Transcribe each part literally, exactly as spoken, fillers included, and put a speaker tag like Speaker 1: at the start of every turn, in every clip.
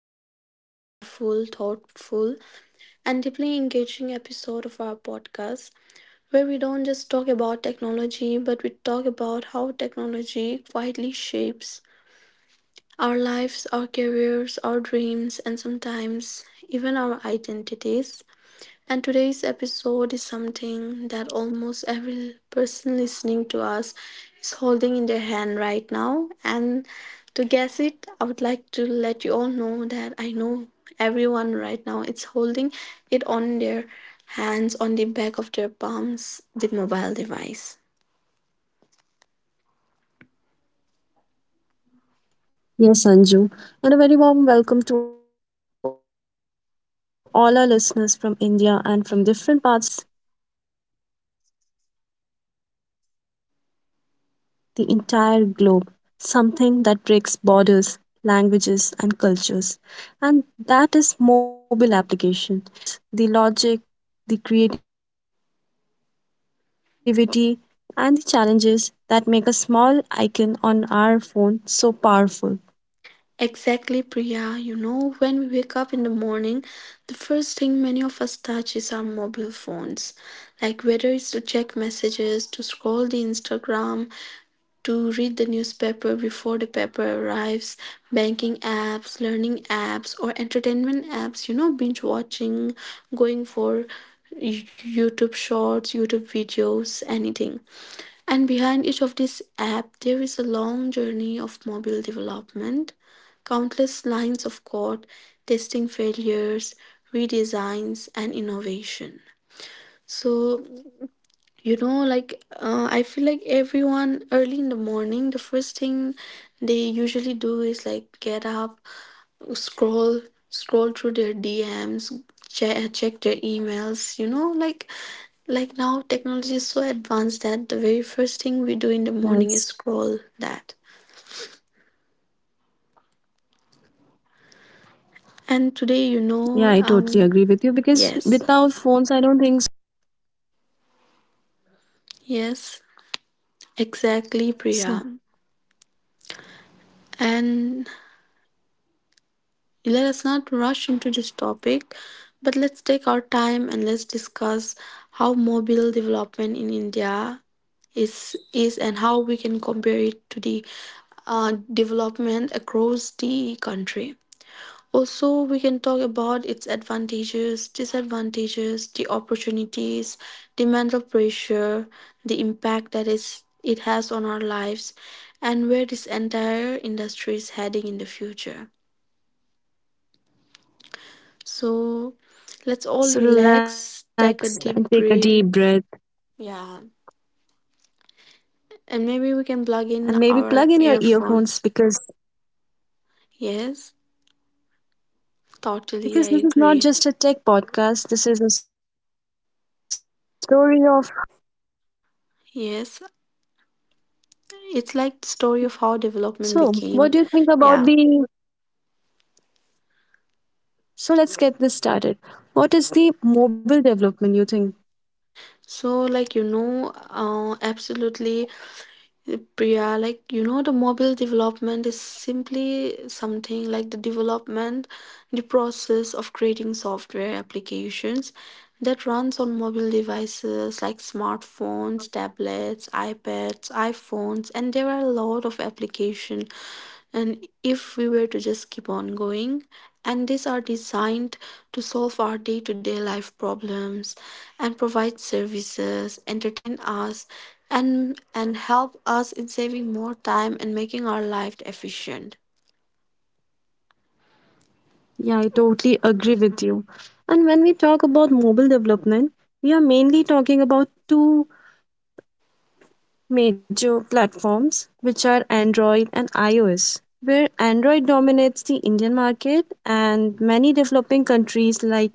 Speaker 1: to another powerful, thoughtful, and deeply engaging episode of our podcast, where we don't just talk about technology, but we talk about how technology quietly shapes our lives, our careers, our dreams, and sometimes even our identities. And today's episode is something that almost every person listening to us is holding in their hand right now. And to guess it, I would like to let you all know that I know everyone right now is holding it on their hands, on the back of their palms, the mobile device.
Speaker 2: Yes, Anju, and a very warm welcome to all our listeners from India and from different parts of the world, because today we are discussing something that truly connects the entire globe, something that breaks borders, languages, and cultures, and that is mobile application and the development behind them, the invisible efforts, the logic, the creativity, and the challenges that make a small icon on our phone so powerful.
Speaker 1: Exactly, Priya. You know, when we wake up in the morning, the first thing many of us touch is our mobile phones, like whether it's to check messages, to scroll the Instagram, to read the newspaper before the paper arrives, banking apps, learning apps, or entertainment apps, you know, binge watching, going for YouTube shorts, YouTube videos, anything. And behind each of these app, there is a long journey of mobile development, countless lines of code, testing failures, redesigns, and innovation. So you know, like uh, I feel like everyone early in the morning, the first thing they usually do is like get up, scroll, scroll through their D Ms, check, check their emails. You know, like like now technology is so advanced that the very
Speaker 2: Yes.
Speaker 1: first thing we do in the morning is scroll that.
Speaker 2: Yeah, I totally agree with you because
Speaker 1: And today, you
Speaker 2: without phones,
Speaker 1: know,
Speaker 2: I don't think
Speaker 1: um,
Speaker 2: so. We we will
Speaker 1: yes,
Speaker 2: yes.
Speaker 1: yes,
Speaker 2: So
Speaker 1: exactly, Priya. And Let us not rush into this topic, but let's take our time and let's discuss how mobile development in India is is and how we can compare it to the uh, development across the country. Also, we can talk about its advantages, disadvantages, the opportunities, the mental pressure, the impact that is it has on our lives, and where this entire industry is heading in the future. So
Speaker 2: so
Speaker 1: let's all
Speaker 2: relax and take a
Speaker 1: relax,
Speaker 2: deep
Speaker 1: take a
Speaker 2: breath
Speaker 1: deep breath. Yeah. And
Speaker 2: and
Speaker 1: maybe we
Speaker 2: maybe
Speaker 1: can
Speaker 2: plug in
Speaker 1: plug
Speaker 2: your
Speaker 1: in our
Speaker 2: earphones because
Speaker 1: earphones. Yes,
Speaker 2: because this is not
Speaker 1: totally, I
Speaker 2: just a tech
Speaker 1: agree.
Speaker 2: podcast. This is a story of how mobile development became the backbone of the modern world.
Speaker 1: Yes, it's like the story of how
Speaker 2: So what do
Speaker 1: development
Speaker 2: you think
Speaker 1: became.
Speaker 2: about the
Speaker 1: Yeah.
Speaker 2: so let's get this started. What is the mobile development you think?
Speaker 1: So, like, you know, uh, absolutely, Priya, like you know, the mobile development is simply something like the development, the process of creating software applications that runs on mobile devices like smartphones, tablets, iPads, iPhones, and there are a lot of application. And if we were to just keep on going, and these are designed to solve our day to day life problems and provide services, entertain us, and, and help us in saving more time and making our life efficient.
Speaker 2: Yeah, I totally agree with you. And when we talk about mobile development, we are mainly talking about two major platforms, which are Android and iOS, where Android dominates the Indian market and many developing countries, like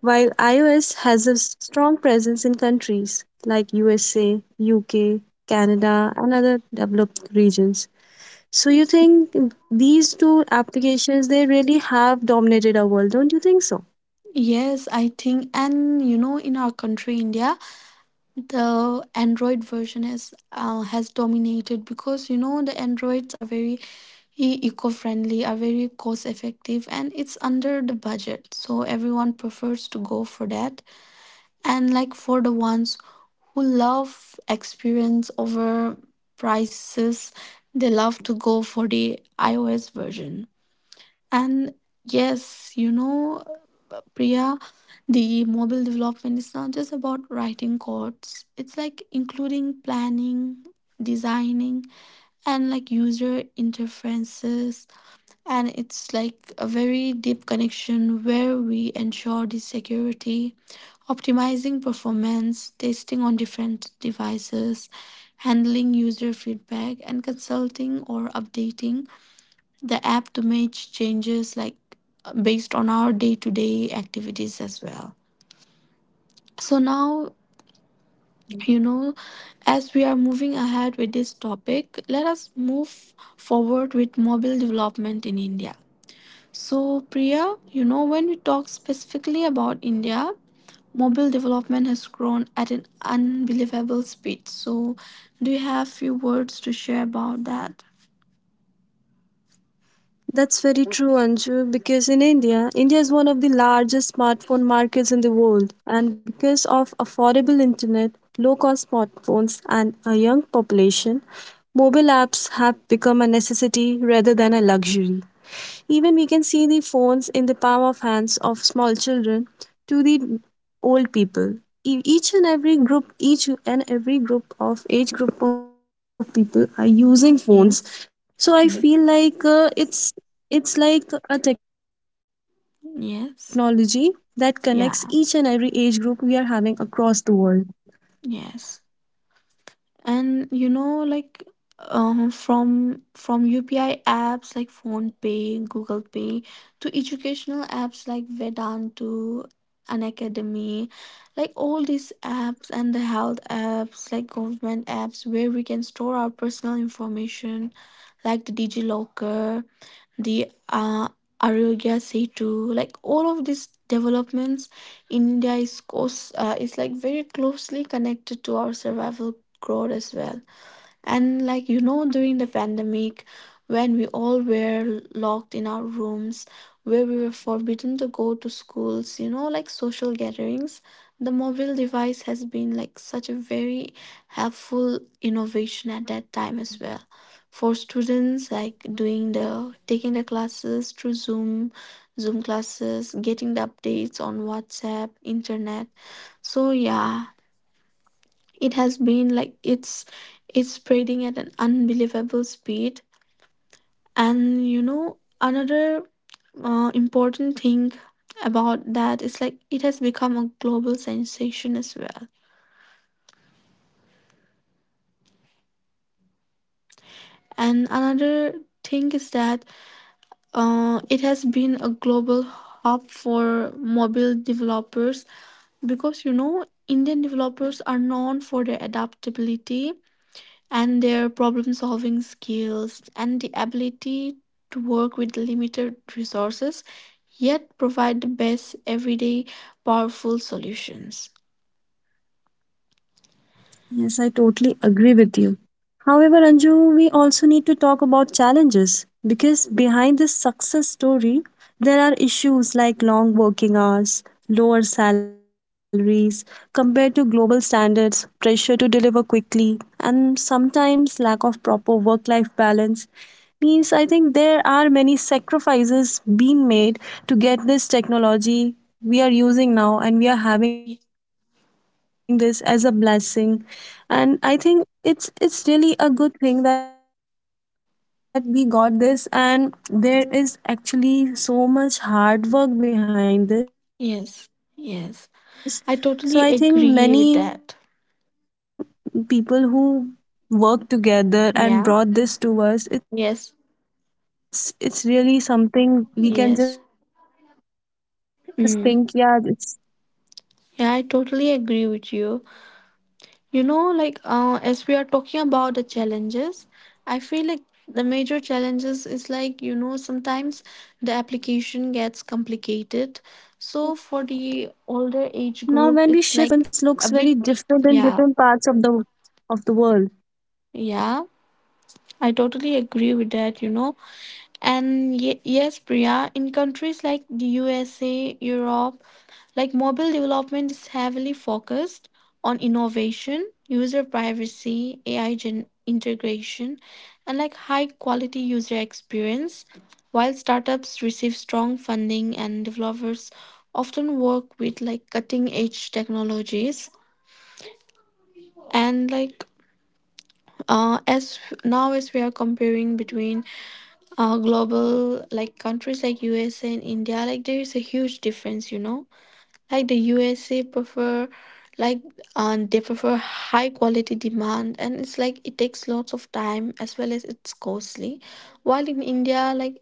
Speaker 2: while iOS has a s- strong presence in countries like U S A, U K, Canada, and other developed regions. So you think these two applications they really have dominated our world, don't you think so?
Speaker 1: Yes, I think, and you know, in our country, India, the Android version has uh, has dominated because you know the Androids are very e- eco-friendly, are very cost-effective, and it's under the budget, so everyone prefers to go for that. And like for the ones who love experience over prices, they love to go for the iOS version. And yes, you know, Priya, the mobile development is not just about writing codes. It's like including planning, designing, and like user interfaces, and it's like a very deep connection where we ensure the security, optimizing performance, testing on different devices, handling user feedback, and consulting or updating the app to make changes, like uh, based on our day to day activities as well. So now, you know, as we are moving ahead with this topic, let us move forward with mobile development in India. So, Priya, you know, when we talk specifically about India, mobile development has grown at an unbelievable speed. So, do you have few words to share about that?
Speaker 2: That's very true, Anju, because in India, India is one of the largest smartphone markets in the world. And because of affordable internet, low cost smartphones, and a young population, mobile apps have become a necessity rather than a luxury. Even we can see the phones in the palm of hands of small children to the old people. E- Each and every group, each and every group of age group of people are using
Speaker 1: Yes.
Speaker 2: phones. So I
Speaker 1: Mm.
Speaker 2: feel like uh, it's it's like a technology that connects each
Speaker 1: Yes.
Speaker 2: and every age group we are
Speaker 1: Yeah.
Speaker 2: having across the world.
Speaker 1: Yes. And you know like uh, from from U P I apps like Phone Pay, Google Pay to educational apps like Vedantu, An Academy, like all these apps and the health apps like government apps where we can store our personal information like the DigiLocker, the uh, Arogya Setu, like all of these developments, India is close, uh, is like very closely connected to our survival growth as well. And like you know, during the pandemic, when we all were locked in our rooms, where we were forbidden to go to schools, you know, like social gatherings, the mobile device has been like such a very
Speaker 2: Yes.
Speaker 1: helpful innovation at that time as well. For students, like doing the taking the classes through Zoom, Zoom classes, getting the updates on WhatsApp, internet. So yeah, it has been like it's it's spreading at an unbelievable speed. And you know another uh, important thing about that is like it has become a global sensation as well. And another thing is that uh, it has been a global hub for mobile developers, because you know Indian developers are known for their adaptability and their problem solving skills and the ability to work with limited resources, yet provide the best everyday powerful solutions.
Speaker 2: Yes, I totally agree with you. However, Anju, we also need to talk about challenges because behind this success story, there are issues like long working hours, lower salaries compared to global standards, pressure to deliver quickly, and sometimes lack of proper work life balance. Means I think there are many sacrifices being made to get this technology we are using now and we are having this
Speaker 1: Y-
Speaker 2: as a blessing, and I think it's it's really a good thing that we got this and there is actually so much hard work behind this. So
Speaker 1: yes, yes, I totally agree with that.
Speaker 2: I think many people
Speaker 1: Yeah.
Speaker 2: who worked together and
Speaker 1: Yes.
Speaker 2: brought this to us, it's it's really something we can just
Speaker 1: Yes.
Speaker 2: think yeah it's
Speaker 1: Mm. Yeah, I totally agree with you. You know, like uh, as we are talking about the challenges, I feel like the major challenges is like, you know, sometimes the application
Speaker 2: now when
Speaker 1: gets
Speaker 2: we shift our
Speaker 1: complicated.
Speaker 2: focus
Speaker 1: So for
Speaker 2: globally,
Speaker 1: the older
Speaker 2: Anju,
Speaker 1: age group,
Speaker 2: mobile
Speaker 1: it's like
Speaker 2: developments looks
Speaker 1: a bit.
Speaker 2: very different in
Speaker 1: Yeah,
Speaker 2: different parts of the of the world.
Speaker 1: yeah, I totally agree with that, you know. And y- yes, Priya, in countries like the U S A, Europe, like mobile development is heavily focused on innovation, user privacy, A I gen- integration, and like high quality user experience. While startups receive strong funding and developers often work with like cutting edge technologies. And like uh, as now as we are comparing between uh, global, like countries like U S A and India, like there is a huge difference, you know. Like the U S A prefer like um, they prefer high quality demand and it's like it takes lots of time as well as it's costly. While in India, like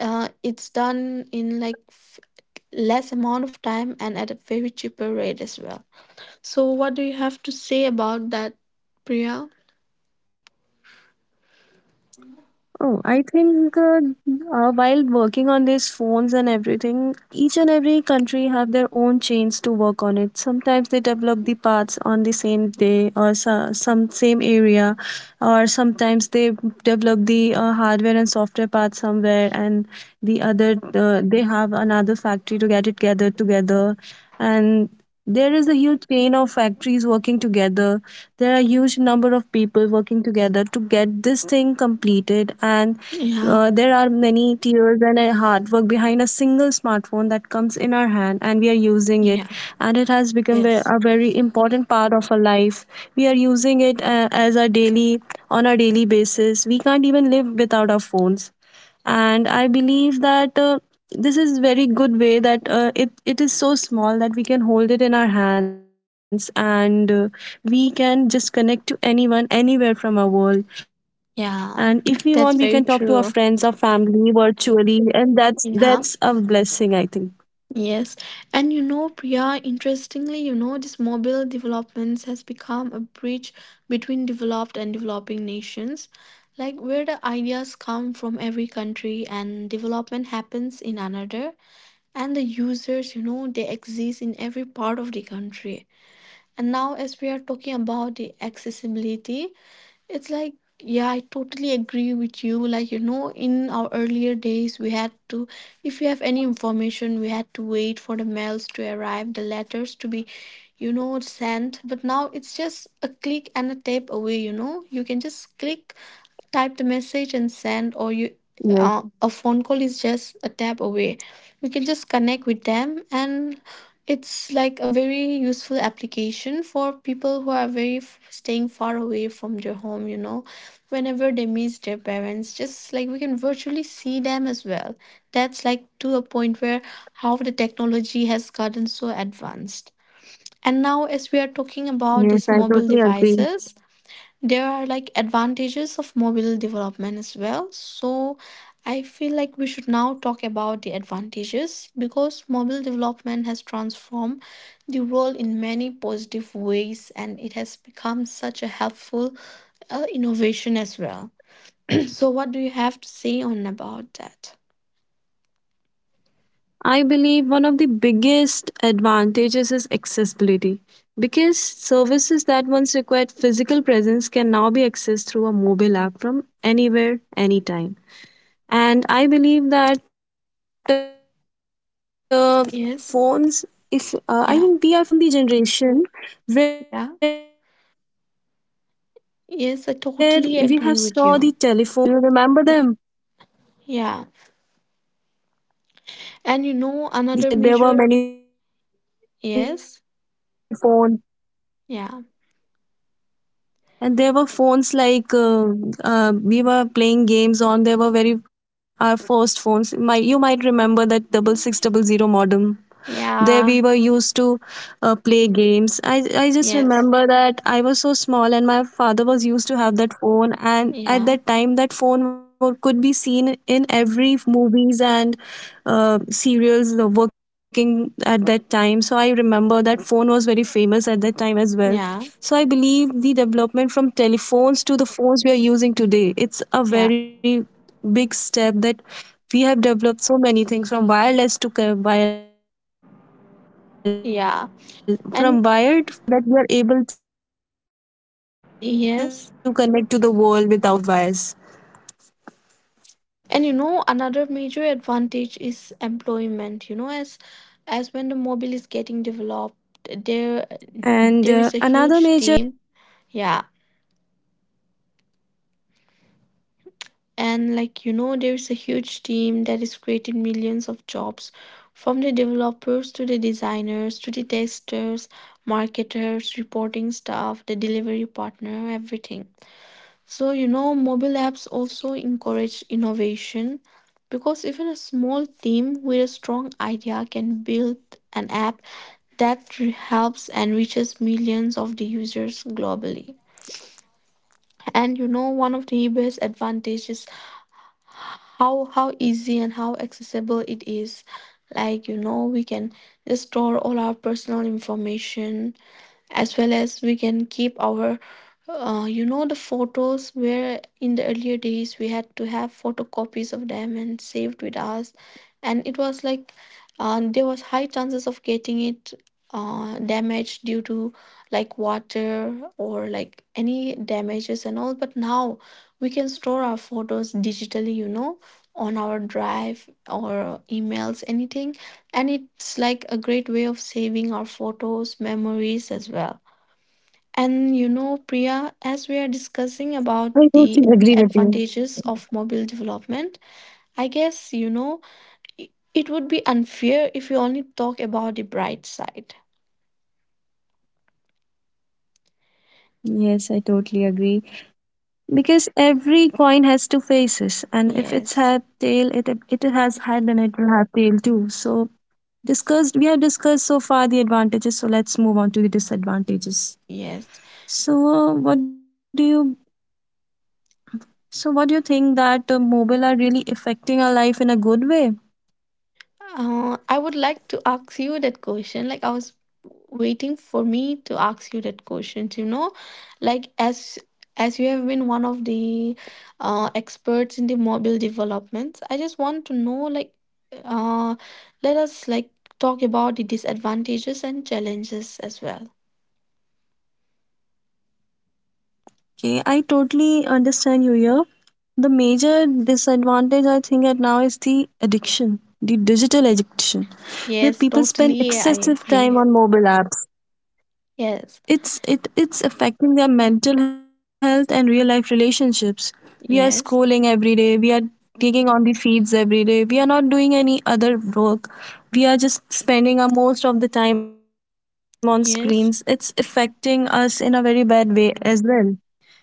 Speaker 1: uh, it's done in like f- less amount of time and at a very cheaper rate as well. So what do you have to say about that, Priya?
Speaker 2: Oh, I think uh, uh, while working on these phones and everything, each and every country have their own chains to work on it. Sometimes they develop the parts on the same day or so, some same area, or sometimes they develop the uh, hardware and software parts somewhere, and the other uh, they have another factory to get it gathered together. And there is a huge chain of factories working together, there are huge number of people working together to get this thing completed, and
Speaker 1: Yeah,
Speaker 2: uh, there are many tears and uh, hard work behind a single smartphone that comes in our hand and we are using
Speaker 1: yeah,
Speaker 2: it, and it has become ve-
Speaker 1: yes,
Speaker 2: a very important part of our life. We are using it uh, as our daily on our daily basis, we can't even live without our phones. And I believe that uh, this is very good way that uh, it it is so small that we can hold it in our hands, and uh, we can just connect to anyone anywhere from our world, and if we want we can talk
Speaker 1: yeah,
Speaker 2: to our friends or
Speaker 1: that's very
Speaker 2: family
Speaker 1: true.
Speaker 2: virtually, and that's that's a blessing I
Speaker 1: Yeah.
Speaker 2: think.
Speaker 1: Yes, and you know, Priya, interestingly, you know, this mobile developments has become a bridge between developed and developing nations, like where the ideas come from every country and development happens in another, and the users, you know, they exist in every part of the country. And now, as we are talking about the accessibility, it's like, yeah, I totally agree with you. Like, you know, in our earlier days, we had to, if you have any information, we had to wait for the mails to arrive, the letters to be, you know, sent. But now it's just a click and a tap away, you know. You can just click.
Speaker 2: Yes.
Speaker 1: Type the message and send. Or you uh, a phone call is just a tap away. We can just connect with them. And it's like a very useful application for people who are very f- staying far away from their home, you know. Whenever they miss their parents, just like we can virtually see them as well. That's like to a point where how the technology has gotten so advanced. And now as we are talking
Speaker 2: Yes, I
Speaker 1: about
Speaker 2: totally
Speaker 1: these mobile
Speaker 2: agree.
Speaker 1: devices, there are like advantages of mobile development as well. So I feel like we should now talk about the advantages, because mobile development has transformed the world in many positive ways, and it has become such a helpful uh, innovation as well. So what do you have to say on about that?
Speaker 2: I believe one of the biggest advantages is accessibility because services that once required physical presence can now be accessed through a mobile app from anywhere, anytime. And I believe that uh, phones, if uh, I think we are
Speaker 1: Yes.
Speaker 2: from the generation
Speaker 1: Yeah.
Speaker 2: where we have saw the
Speaker 1: Yeah.
Speaker 2: telephones
Speaker 1: Yes, I
Speaker 2: and we
Speaker 1: totally
Speaker 2: have saw
Speaker 1: agree
Speaker 2: the
Speaker 1: with you.
Speaker 2: first phone as well, the keypad phones, do you remember them?
Speaker 1: Yeah.
Speaker 2: The keypad phones
Speaker 1: And you
Speaker 2: we have
Speaker 1: know,
Speaker 2: always
Speaker 1: another
Speaker 2: used them
Speaker 1: major.
Speaker 2: when we were small, and after that
Speaker 1: Yes.
Speaker 2: there were many phones.
Speaker 1: Yeah.
Speaker 2: And there were phones like uh, uh, we were playing games on, there were very our first phones, my you might remember that double six double zero modem. There we
Speaker 1: Yeah.
Speaker 2: were used to uh, play games. I, I just
Speaker 1: Yes.
Speaker 2: remember that I was so small and my father was used to have that phone. And
Speaker 1: Yeah.
Speaker 2: at that time, that phone wo- could be seen in every movies and uh, serials uh, working at that time. So I remember that phone was very famous at that time as well.
Speaker 1: Yeah.
Speaker 2: So I believe the development from telephones to the phones we are using today,
Speaker 1: Yeah.
Speaker 2: it's a very big step that we have developed so many things from wireless to co- wire, from wired
Speaker 1: Yeah.
Speaker 2: connections to
Speaker 1: And
Speaker 2: wireless connection, it's it's like it's a miracle that we are
Speaker 1: yes.
Speaker 2: able to connect to the world without wires.
Speaker 1: And you know, another major advantage is employment. You know, as as when the mobile is getting developed, there
Speaker 2: And
Speaker 1: there is
Speaker 2: uh,
Speaker 1: a
Speaker 2: another
Speaker 1: huge team.
Speaker 2: major
Speaker 1: Yeah. And like you know, there is a huge team that is creating millions of jobs from the developers to the designers to the testers, marketers, reporting staff, the delivery partner, everything. So, you know, mobile apps also encourage innovation, because even a small team with a strong idea can build an app that re- helps and reaches millions of the users globally. And you know, one of the best advantages is how how easy and how accessible it is. Like, you know, we can just store all our personal information, as well as we can keep our uh, you know the photos, where in the earlier days we had to have photocopies of them and saved with us. And it was like uh, there was high chances of getting it uh, damaged due to like water or like any damages and all. But now we can store our photos digitally you know on our drive or emails, anything. And it's like a great way of saving our photos, memories as well. And you know Priya, as we are discussing
Speaker 2: I
Speaker 1: about
Speaker 2: totally
Speaker 1: the
Speaker 2: agree with you.
Speaker 1: advantages of mobile development, I guess, you know i- it would be unfair if we only talk about the bright side.
Speaker 2: Yes, I totally agree. Because every coin has two faces, and if it's had
Speaker 1: Yes.
Speaker 2: tail, it it has head and it will have tail too. So discussed, we have discussed so far the advantages. So let's move on to the disadvantages.
Speaker 1: Yes.
Speaker 2: So uh, what do you so what do you think that uh, mobile are really affecting our life in a good way?
Speaker 1: Uh, I would like to ask you that question. Like, I was waiting for me to ask you that question. You know, like, as as you have been one of the uh, experts in the mobile developments, I just want to know, like uh, let us, like, talk about the disadvantages and challenges as well.
Speaker 2: Okay, I totally understand you here. The major disadvantage I think at now is the addiction, the digital
Speaker 1: Yeah.
Speaker 2: addiction, where
Speaker 1: Yes,
Speaker 2: people spend
Speaker 1: totally. I
Speaker 2: excessive time
Speaker 1: agree.
Speaker 2: on mobile apps.
Speaker 1: Yes.
Speaker 2: It's it it's affecting their mental health and real life relationships. We are scrolling
Speaker 1: Yes.
Speaker 2: every day. We are taking on the feeds every day. We are not doing any other work. We are just spending our most of the time on
Speaker 1: Yes.
Speaker 2: screens. It's affecting us in a very bad way as well.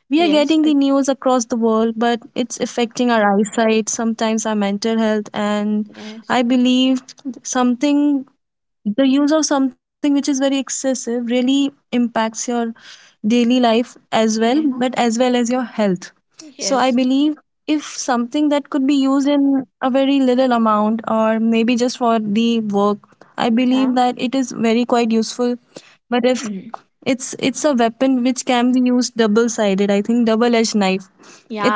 Speaker 2: We are
Speaker 1: Yes.
Speaker 2: getting the
Speaker 1: I,
Speaker 2: news across the world, but it's affecting eyesight, sometimes our mental health, and
Speaker 1: yes.
Speaker 2: I believe something the use of something which is very excessive really impacts your daily life as well
Speaker 1: Yeah.
Speaker 2: but as well as your health. So I
Speaker 1: Yes.
Speaker 2: believe if something that could be used a very little amount or maybe just for the work, I
Speaker 1: Yeah.
Speaker 2: believe that it is very quite useful. But if
Speaker 1: Mm.
Speaker 2: it's it's a weapon which can be used double sided, I think double edged knife,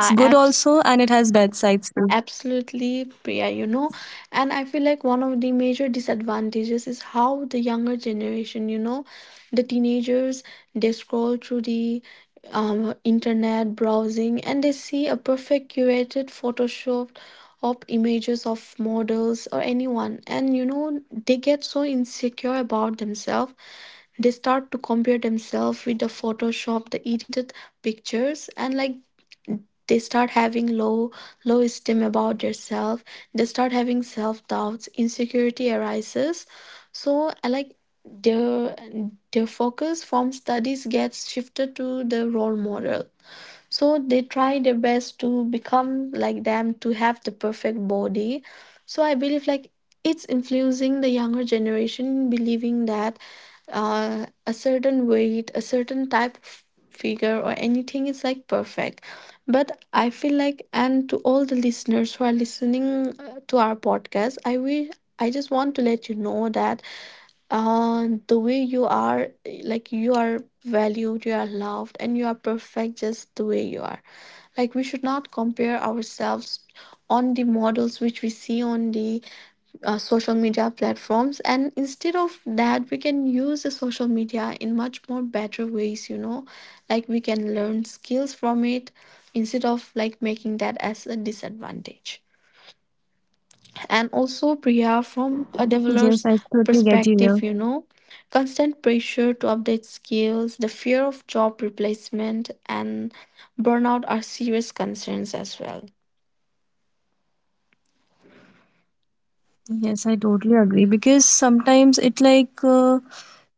Speaker 2: it's good
Speaker 1: apps.
Speaker 2: also and it has bad sides too.
Speaker 1: Absolutely, Priya, you know, and I feel like one of the major disadvantages is how the younger generation, you know, the teenagers, they scroll through the um, internet browsing and they see a perfect curated Photoshop of images of models or anyone, and you know, they get so insecure about themselves. They start to compare themselves with the photoshop, the edited pictures, and like, they start having low low esteem about themselves. They start having self doubts, insecurity arises. So uh, like, their their focus from studies gets shifted to the role model. So they try their best to become like them, to have the perfect body. So I believe like, it's influencing the younger generation in believing that uh, a certain weight, a certain type of figure or anything is like perfect. But I feel like, and to all the listeners who are listening uh, to our podcast, I wish, I just want to let you know that uh, the way you are, like, you are valued, you are loved, and you are perfect just the way you are. Like, we should not compare ourselves on the models which we see on the uh, social media platforms, and instead of that, we can use the social media in much more better ways you know like we can learn skills from it instead of like making that as a disadvantage. And also, Priya, from a
Speaker 2: Yes, I
Speaker 1: developer's
Speaker 2: totally get you here.
Speaker 1: perspective, you know, constant pressure to update skills, the fear of job replacement, and burnout are serious concerns as well.
Speaker 2: Yes, I totally agree because sometimes it like uh,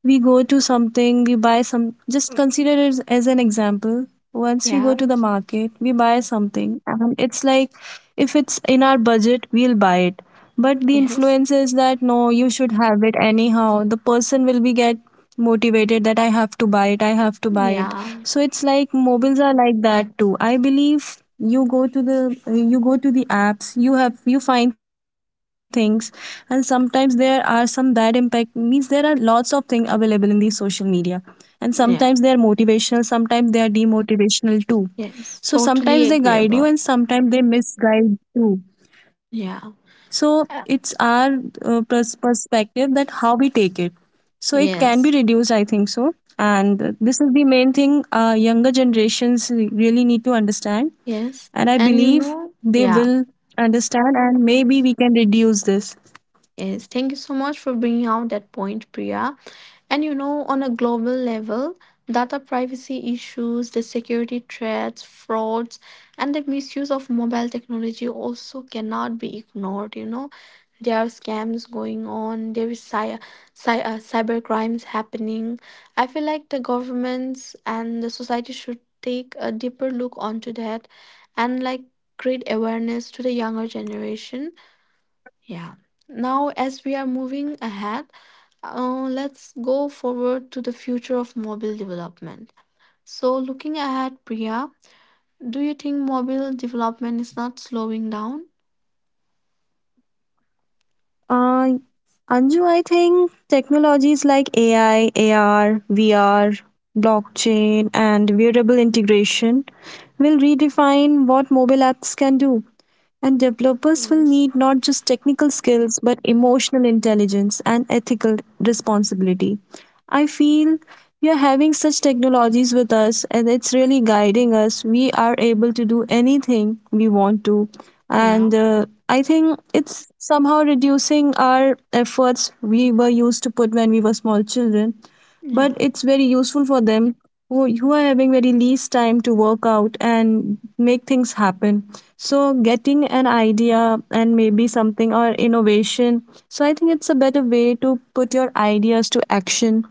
Speaker 2: we go to something, we buy some. Just consider it as, as an example. Once we go to
Speaker 1: Yeah,
Speaker 2: the market, we buy something, and it's like if it's in our budget, we'll buy it. But the
Speaker 1: yes,
Speaker 2: influence is that no, you should have it anyhow. The person be get motivated that I have to buy it, I have to buy it.
Speaker 1: yeah,
Speaker 2: So it's like mobiles are like that too. I believe you go to the you go to the apps you have you find things, and sometimes there are some bad impact means there are lots of things available in these social media, and sometimes
Speaker 1: yeah,
Speaker 2: they are motivational sometimes they are demotivational too.
Speaker 1: yes,
Speaker 2: So sometimes
Speaker 1: totally
Speaker 2: they guide you
Speaker 1: agreeable.
Speaker 2: and sometimes they misguide you.
Speaker 1: Yeah.
Speaker 2: So it's our
Speaker 1: Uh,
Speaker 2: uh, pers- perspective that how we take it. So it can be reduced, I
Speaker 1: yes,
Speaker 2: think so. And uh, this is the main thing uh, younger generations really need to understand. And
Speaker 1: yes.
Speaker 2: I
Speaker 1: And you
Speaker 2: believe
Speaker 1: know,
Speaker 2: they
Speaker 1: yeah.
Speaker 2: will understand, and maybe we can reduce this.
Speaker 1: Yes, thank you so much for bringing out that point, Priya. And you know, on a global level, data privacy issues, the security threats, frauds, and the misuse of mobile technology also cannot be ignored. You know, there are scams going on, there is cy- cy- uh, cyber crimes happening. I feel like the governments and the society should take a deeper look onto that, and like, create awareness to the younger generation. Yeah. Now, as we are moving ahead, uh, let's go forward to the future of mobile development. So, looking ahead, Priya, do you think mobile development is not slowing down?
Speaker 2: Uh, Anju, I think technologies like A I, A R, V R, blockchain, and wearable integration will redefine what mobile apps can do. And developers will
Speaker 1: Yes.
Speaker 2: need not just technical skills, but emotional intelligence and ethical responsibility. I feel we are having such technologies with us, and it's really guiding us. We are able to do anything we want to.
Speaker 1: Yeah.
Speaker 2: And uh, I think it's somehow reducing our efforts we were used to put when we were children, but
Speaker 1: Yeah.
Speaker 2: it's very useful for them who, who are having very least time to work out and make things happen. So getting an idea and maybe something or innovation, so I think it's a better way to put your ideas to action.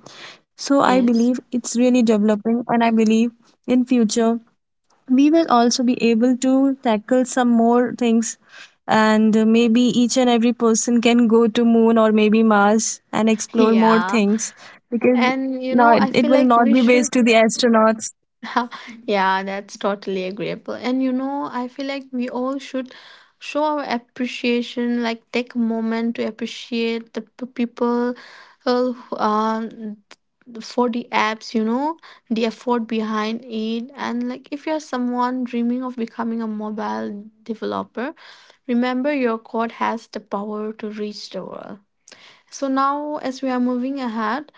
Speaker 2: So I
Speaker 1: Yes.
Speaker 2: believe it's really developing, and I believe in future we will also be able to tackle some more things. And uh, maybe each and every person can go to moon, maybe mars, and explore more
Speaker 1: Yeah.
Speaker 2: things. Because
Speaker 1: And you
Speaker 2: now
Speaker 1: know,
Speaker 2: it,
Speaker 1: I
Speaker 2: it
Speaker 1: feel
Speaker 2: will
Speaker 1: like
Speaker 2: not
Speaker 1: we
Speaker 2: be based
Speaker 1: should.
Speaker 2: to the astronauts.
Speaker 1: Yeah, that's totally agreeable. And you know, I feel like we all should show our appreciation, like take a moment to appreciate the p- people uh, who, um, for the apps, you know, the effort behind it. And like, if you're someone dreaming of becoming a mobile developer, remember, your code has the power to reach the world. So now, as we are moving ahead,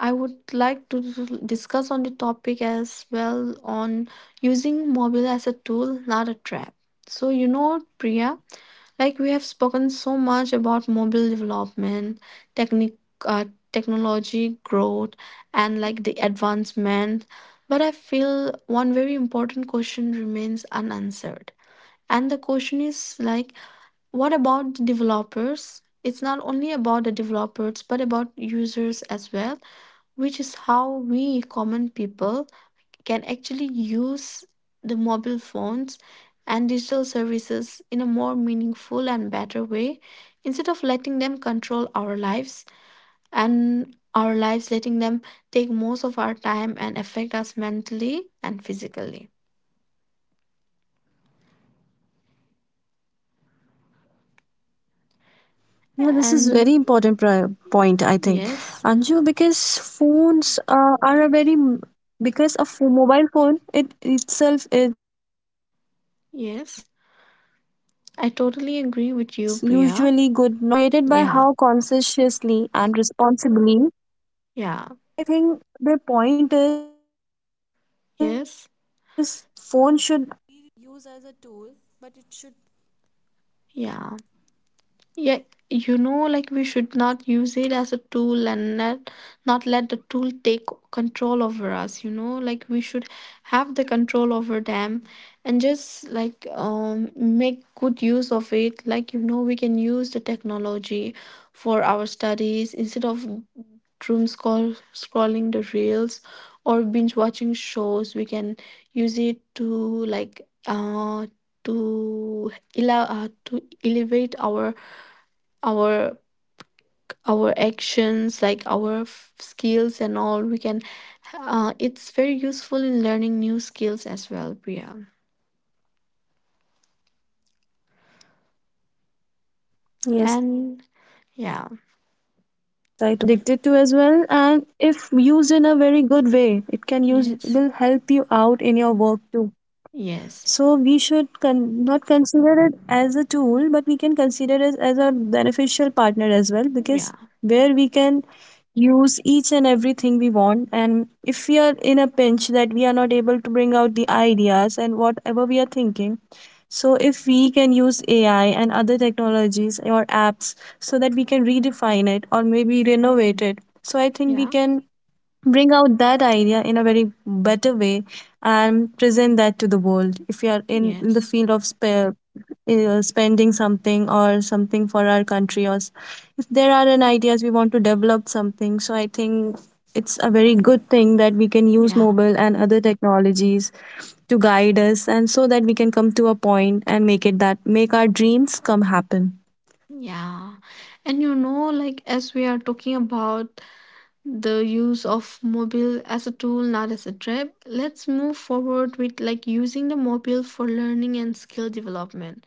Speaker 1: I would like to discuss on the topic as well on using mobile as a tool, not a trap. So, you know, what, Priya, like, we have spoken so much about mobile development, technic, uh, technology growth, and like the advancement, but I feel one very important question remains unanswered. And the question is like, what about the developers? It's not only about the developers, but about users as well, which is how we common people can actually use the mobile phones and digital services in a more meaningful and better way instead of letting them control our lives, and our lives letting them take most of our time and affect us mentally and physically.
Speaker 2: Yeah, this is very important pri-
Speaker 1: And
Speaker 2: point, I think, Anju, because
Speaker 1: yes,
Speaker 2: phones uh, are a very m- because a pho- mobile phone, it itself is usually good nor bad. It's just a
Speaker 1: yes,
Speaker 2: tool. And the
Speaker 1: I
Speaker 2: real
Speaker 1: totally
Speaker 2: difference is
Speaker 1: agree with you,
Speaker 2: created by how
Speaker 1: Priya.
Speaker 2: consciously
Speaker 1: Yeah.
Speaker 2: and responsibly we use that tool
Speaker 1: Yeah.
Speaker 2: in our daily lives. So I think the
Speaker 1: Yes.
Speaker 2: point is phone should.
Speaker 1: Yeah. Yeah, you know, like we should not use it as a tool and not, not let the tool take control over us. You know, like, we should have the control over them and just like um make good use of it. Like, you know, we can use the technology for our studies instead of doom scroll scrolling the reels or binge watching shows. We can use it to, like uh to ele- uh, to elevate our our our actions, like our f- skills and all. We can, uh, it's very useful in learning new skills as well, Priya.
Speaker 2: Yes, I totally agree, because phones are
Speaker 1: And
Speaker 2: something we can
Speaker 1: yeah.
Speaker 2: get addicted to as well, and if used in a very good way, it can use will help you
Speaker 1: Yes.
Speaker 2: out in your work too. So we
Speaker 1: Yes.
Speaker 2: should con- not consider it as a tool, but we can consider it as a beneficial partner as well, because
Speaker 1: Yeah.
Speaker 2: where we can use each and everything we want, and if we are in a pinch that we are not able to bring out the ideas and whatever we are thinking, so if we can use ai and other technologies or apps so that we can redefine it or maybe renovate it, so I think we
Speaker 1: Yeah.
Speaker 2: can bring out that idea in a very better way and present that to the world. If you are in, in the
Speaker 1: Yes.
Speaker 2: field of spare, uh, spending something or something for our country or s-, if there are an ideas we want to develop something, so I think it's a very good thing that we can use
Speaker 1: Yeah.
Speaker 2: mobile and other technologies to guide us, and so that we can come to a point and make it that make our dreams come happen.
Speaker 1: Yeah. And you know like, as we are talking about the use of mobile as a tool, not as a trap, let's move forward with like using the mobile for learning and skill development.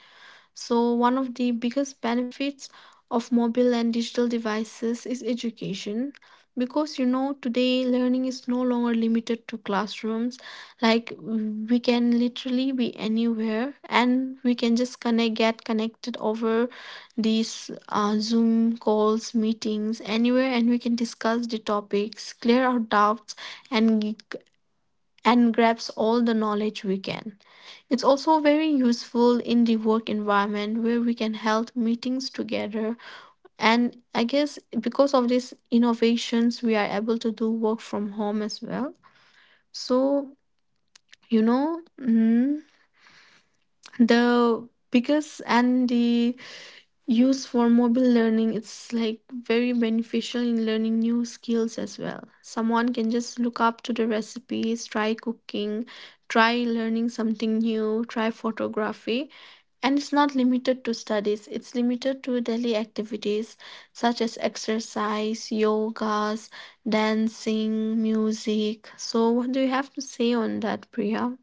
Speaker 1: So, one of the biggest benefits of mobile and digital devices is education, because you know today learning is no longer limited to classrooms. Like, we can literally be anywhere, and we can just connect get connected over these uh, zoom calls, meetings anywhere, and we can discuss the topics, clear our doubts, and and grabs all the knowledge we can. It's also very useful in the work environment where we can held meetings together. And I guess because of these innovations, we are able to do work from home as well. So, you know, mm, the biggest and the use for mobile learning, it's like very beneficial in learning new skills as well. Someone can just look up to the recipes, try cooking, try learning something new, try photography. And it's not limited to studies, it's limited to daily activities such as exercise, yogas, dancing, music. So what do you have to say on that, Priya?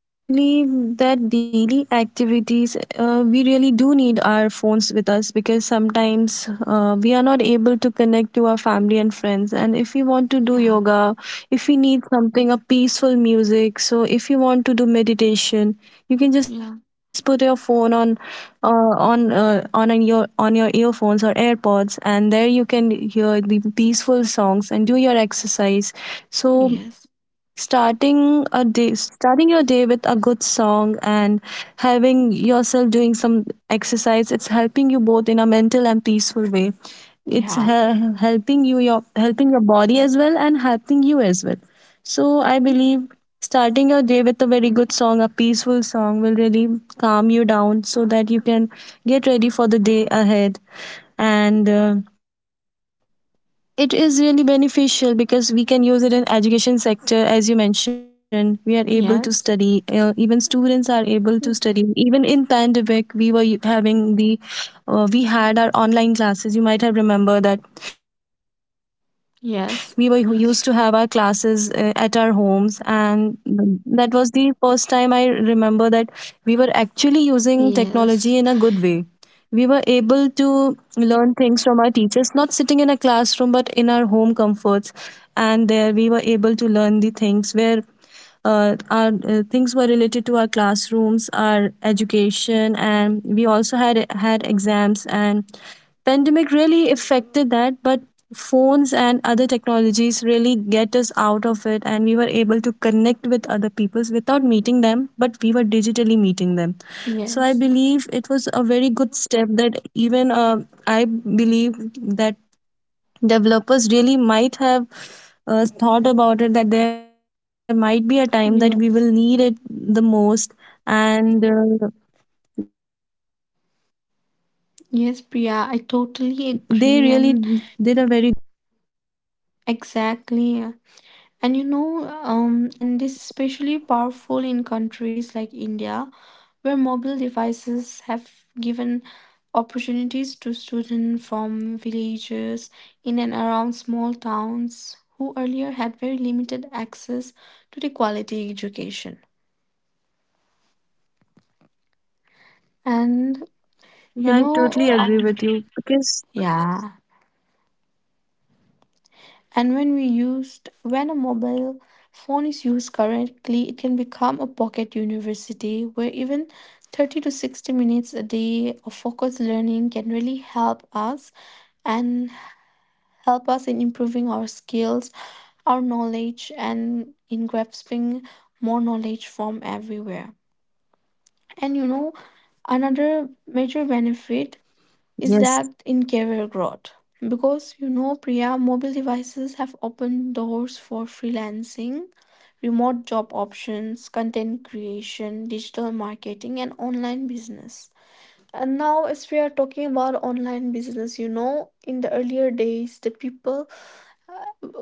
Speaker 2: I believe that daily activities, uh, we really do need our phones with us, because sometimes uh, we are not able to connect to our family and friends. And if we want to do
Speaker 1: Yeah.
Speaker 2: yoga, if we need something, a peaceful music, so if you want to do meditation, you can just put
Speaker 1: Yeah.
Speaker 2: your phone on, uh, on, uh, on an- your on your earphones or AirPods, and there you can hear the peaceful songs and do your exercise exercise So
Speaker 1: Yes.
Speaker 2: starting a day, starting your day with a good song and having yourself doing some exercise, it's helping you both in a mental and peaceful way. It's
Speaker 1: Yeah.
Speaker 2: he- helping you, your helping your body as well and helping you as well. So I believe starting your day with a very good song, a peaceful song, will really calm you down so that you can get ready for the day ahead. And uh, it is really beneficial because we can use it in education sector, as you mentioned. We are able to study, uh, even
Speaker 1: Yes.
Speaker 2: students are able to study. Even
Speaker 1: Mm.
Speaker 2: in pandemic, we were u- having the, uh, we had our online classes. You might have remember that we were used to have our classes, uh,
Speaker 1: Yes.
Speaker 2: at our homes. And that was the first time I remember that we were actually using technology in a good way. We were
Speaker 1: Yes,
Speaker 2: able to learn things from our teachers, not sitting in a classroom, but in our home comforts. And there we were able to learn the things where, uh, our, uh, things were related to our classrooms, our education, and we also had had exams. And pandemic really affected that, but phones and other technologies really get us out of it, and we were able to connect with other peoples without meeting them, but we were digitally meeting them. So I
Speaker 1: yes,
Speaker 2: believe it was a very good step that even, uh, I believe that developers really might have, uh, thought about it that there might be a time that we will need
Speaker 1: yes,
Speaker 2: it the most. And uh, they really did a very great job that we were
Speaker 1: yes,
Speaker 2: able to
Speaker 1: Priya, I
Speaker 2: connect with
Speaker 1: totally
Speaker 2: people not
Speaker 1: agree,
Speaker 2: socially
Speaker 1: and
Speaker 2: but digitally.
Speaker 1: exactly. And you know, um, and this is especially powerful in countries like India, where mobile devices have given opportunities to students from villages in and around small towns who earlier had very limited access to the quality education. And you know,
Speaker 2: Yeah, I
Speaker 1: um,
Speaker 2: totally agree with you because
Speaker 1: yeah. And when we used when a mobile phone is used correctly, it can become a pocket university, where even thirty to sixty minutes a day of focused learning can really help us, and help us in improving our skills, our knowledge, and in grasping more knowledge from everywhere. And you know another
Speaker 2: yes.
Speaker 1: major benefit is that in career growth. Because you know, Priya, mobile devices have opened doors for freelancing, remote job options, content creation, digital marketing, and online business. And now, as we are talking about online business, you know, in the earlier days, the people,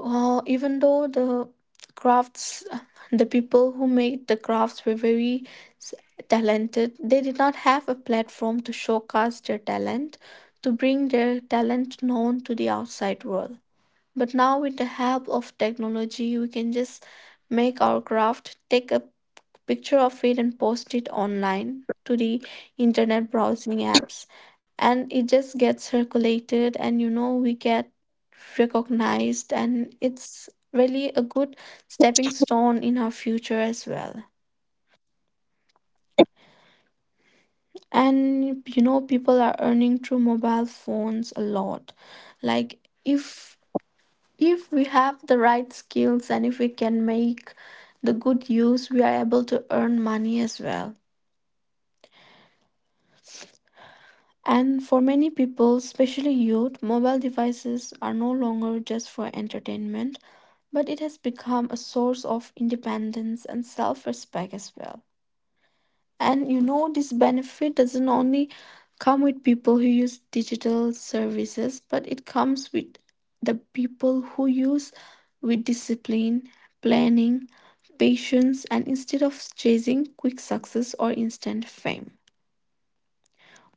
Speaker 1: uh, even though the crafts, the people who made the crafts were very s- talented, they did not have a platform to showcase their talent, to bring their talent known to the outside world. But now, with the help of technology, we can just make our craft, take a picture of it, and post it online to the internet browsing apps. And it just gets circulated, and you know, we get recognized, and it's really a good stepping stone in our future as well. And you know, people are earning through mobile phones a lot. Like, if if we have the right skills, and if we can make the good use, we are able to earn money as well. And for many people, especially youth, mobile devices are no longer just for entertainment, but it has become a source of independence and self-respect as well. And you know, this benefit doesn't only come with people who use digital services, but it comes with the people who use with discipline, planning, patience, and instead of chasing quick success or instant fame.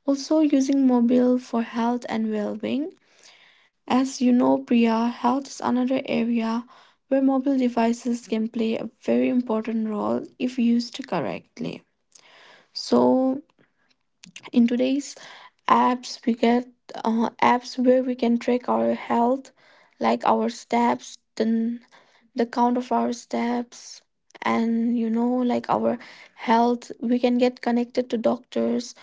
Speaker 1: Also, using mobile for health and well being. As you know, Priya, health is another area where mobile devices can play a very important role if used correctly. So, in today's apps, we get uh, apps where we can track our health, like our steps, then the count of our steps, and you know, like our health. We can get connected to doctors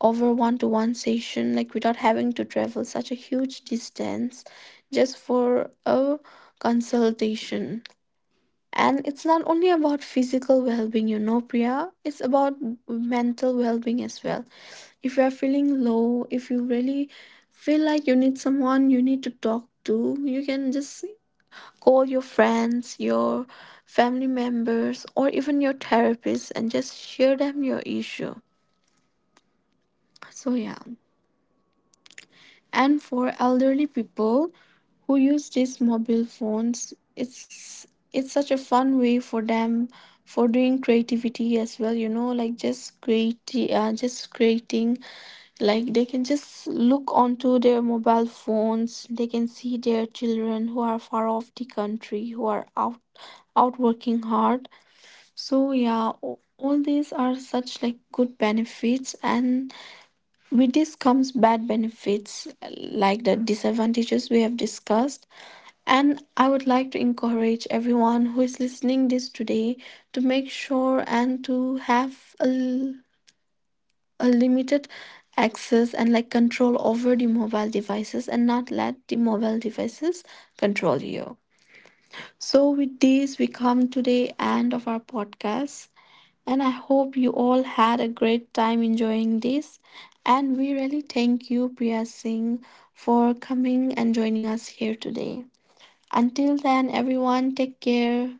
Speaker 1: over one to one session, like without having to travel such a huge distance just for a consultation. And it's not only about physical well being, you know, Priya, it's about mental well being as well. If you are feeling low, if you really feel like you need someone you need to talk to, you can just call your friends, your family members, or even your therapist, and just share them your issue. So, yeah. And for elderly people who use these mobile phones, it's it's such a fun way for them for doing creativity as well. You know like, just create, uh, just creating, like, they can just look onto their mobile phones, they can see their children who are far off the country, who are out out working hard. So yeah, a- all these are such like good benefits, and with this comes bad benefits like the disadvantages we have discussed. And I would like to encourage everyone who is listening this today to make sure and to have a, l- a limited access, and like control over the mobile devices, and not let the mobile devices control you. So with this we come to the end of our podcast. And I hope you all had a great time enjoying this. And we really thank you, Priya Singh, for coming and joining us here today. Until then, everyone, take care.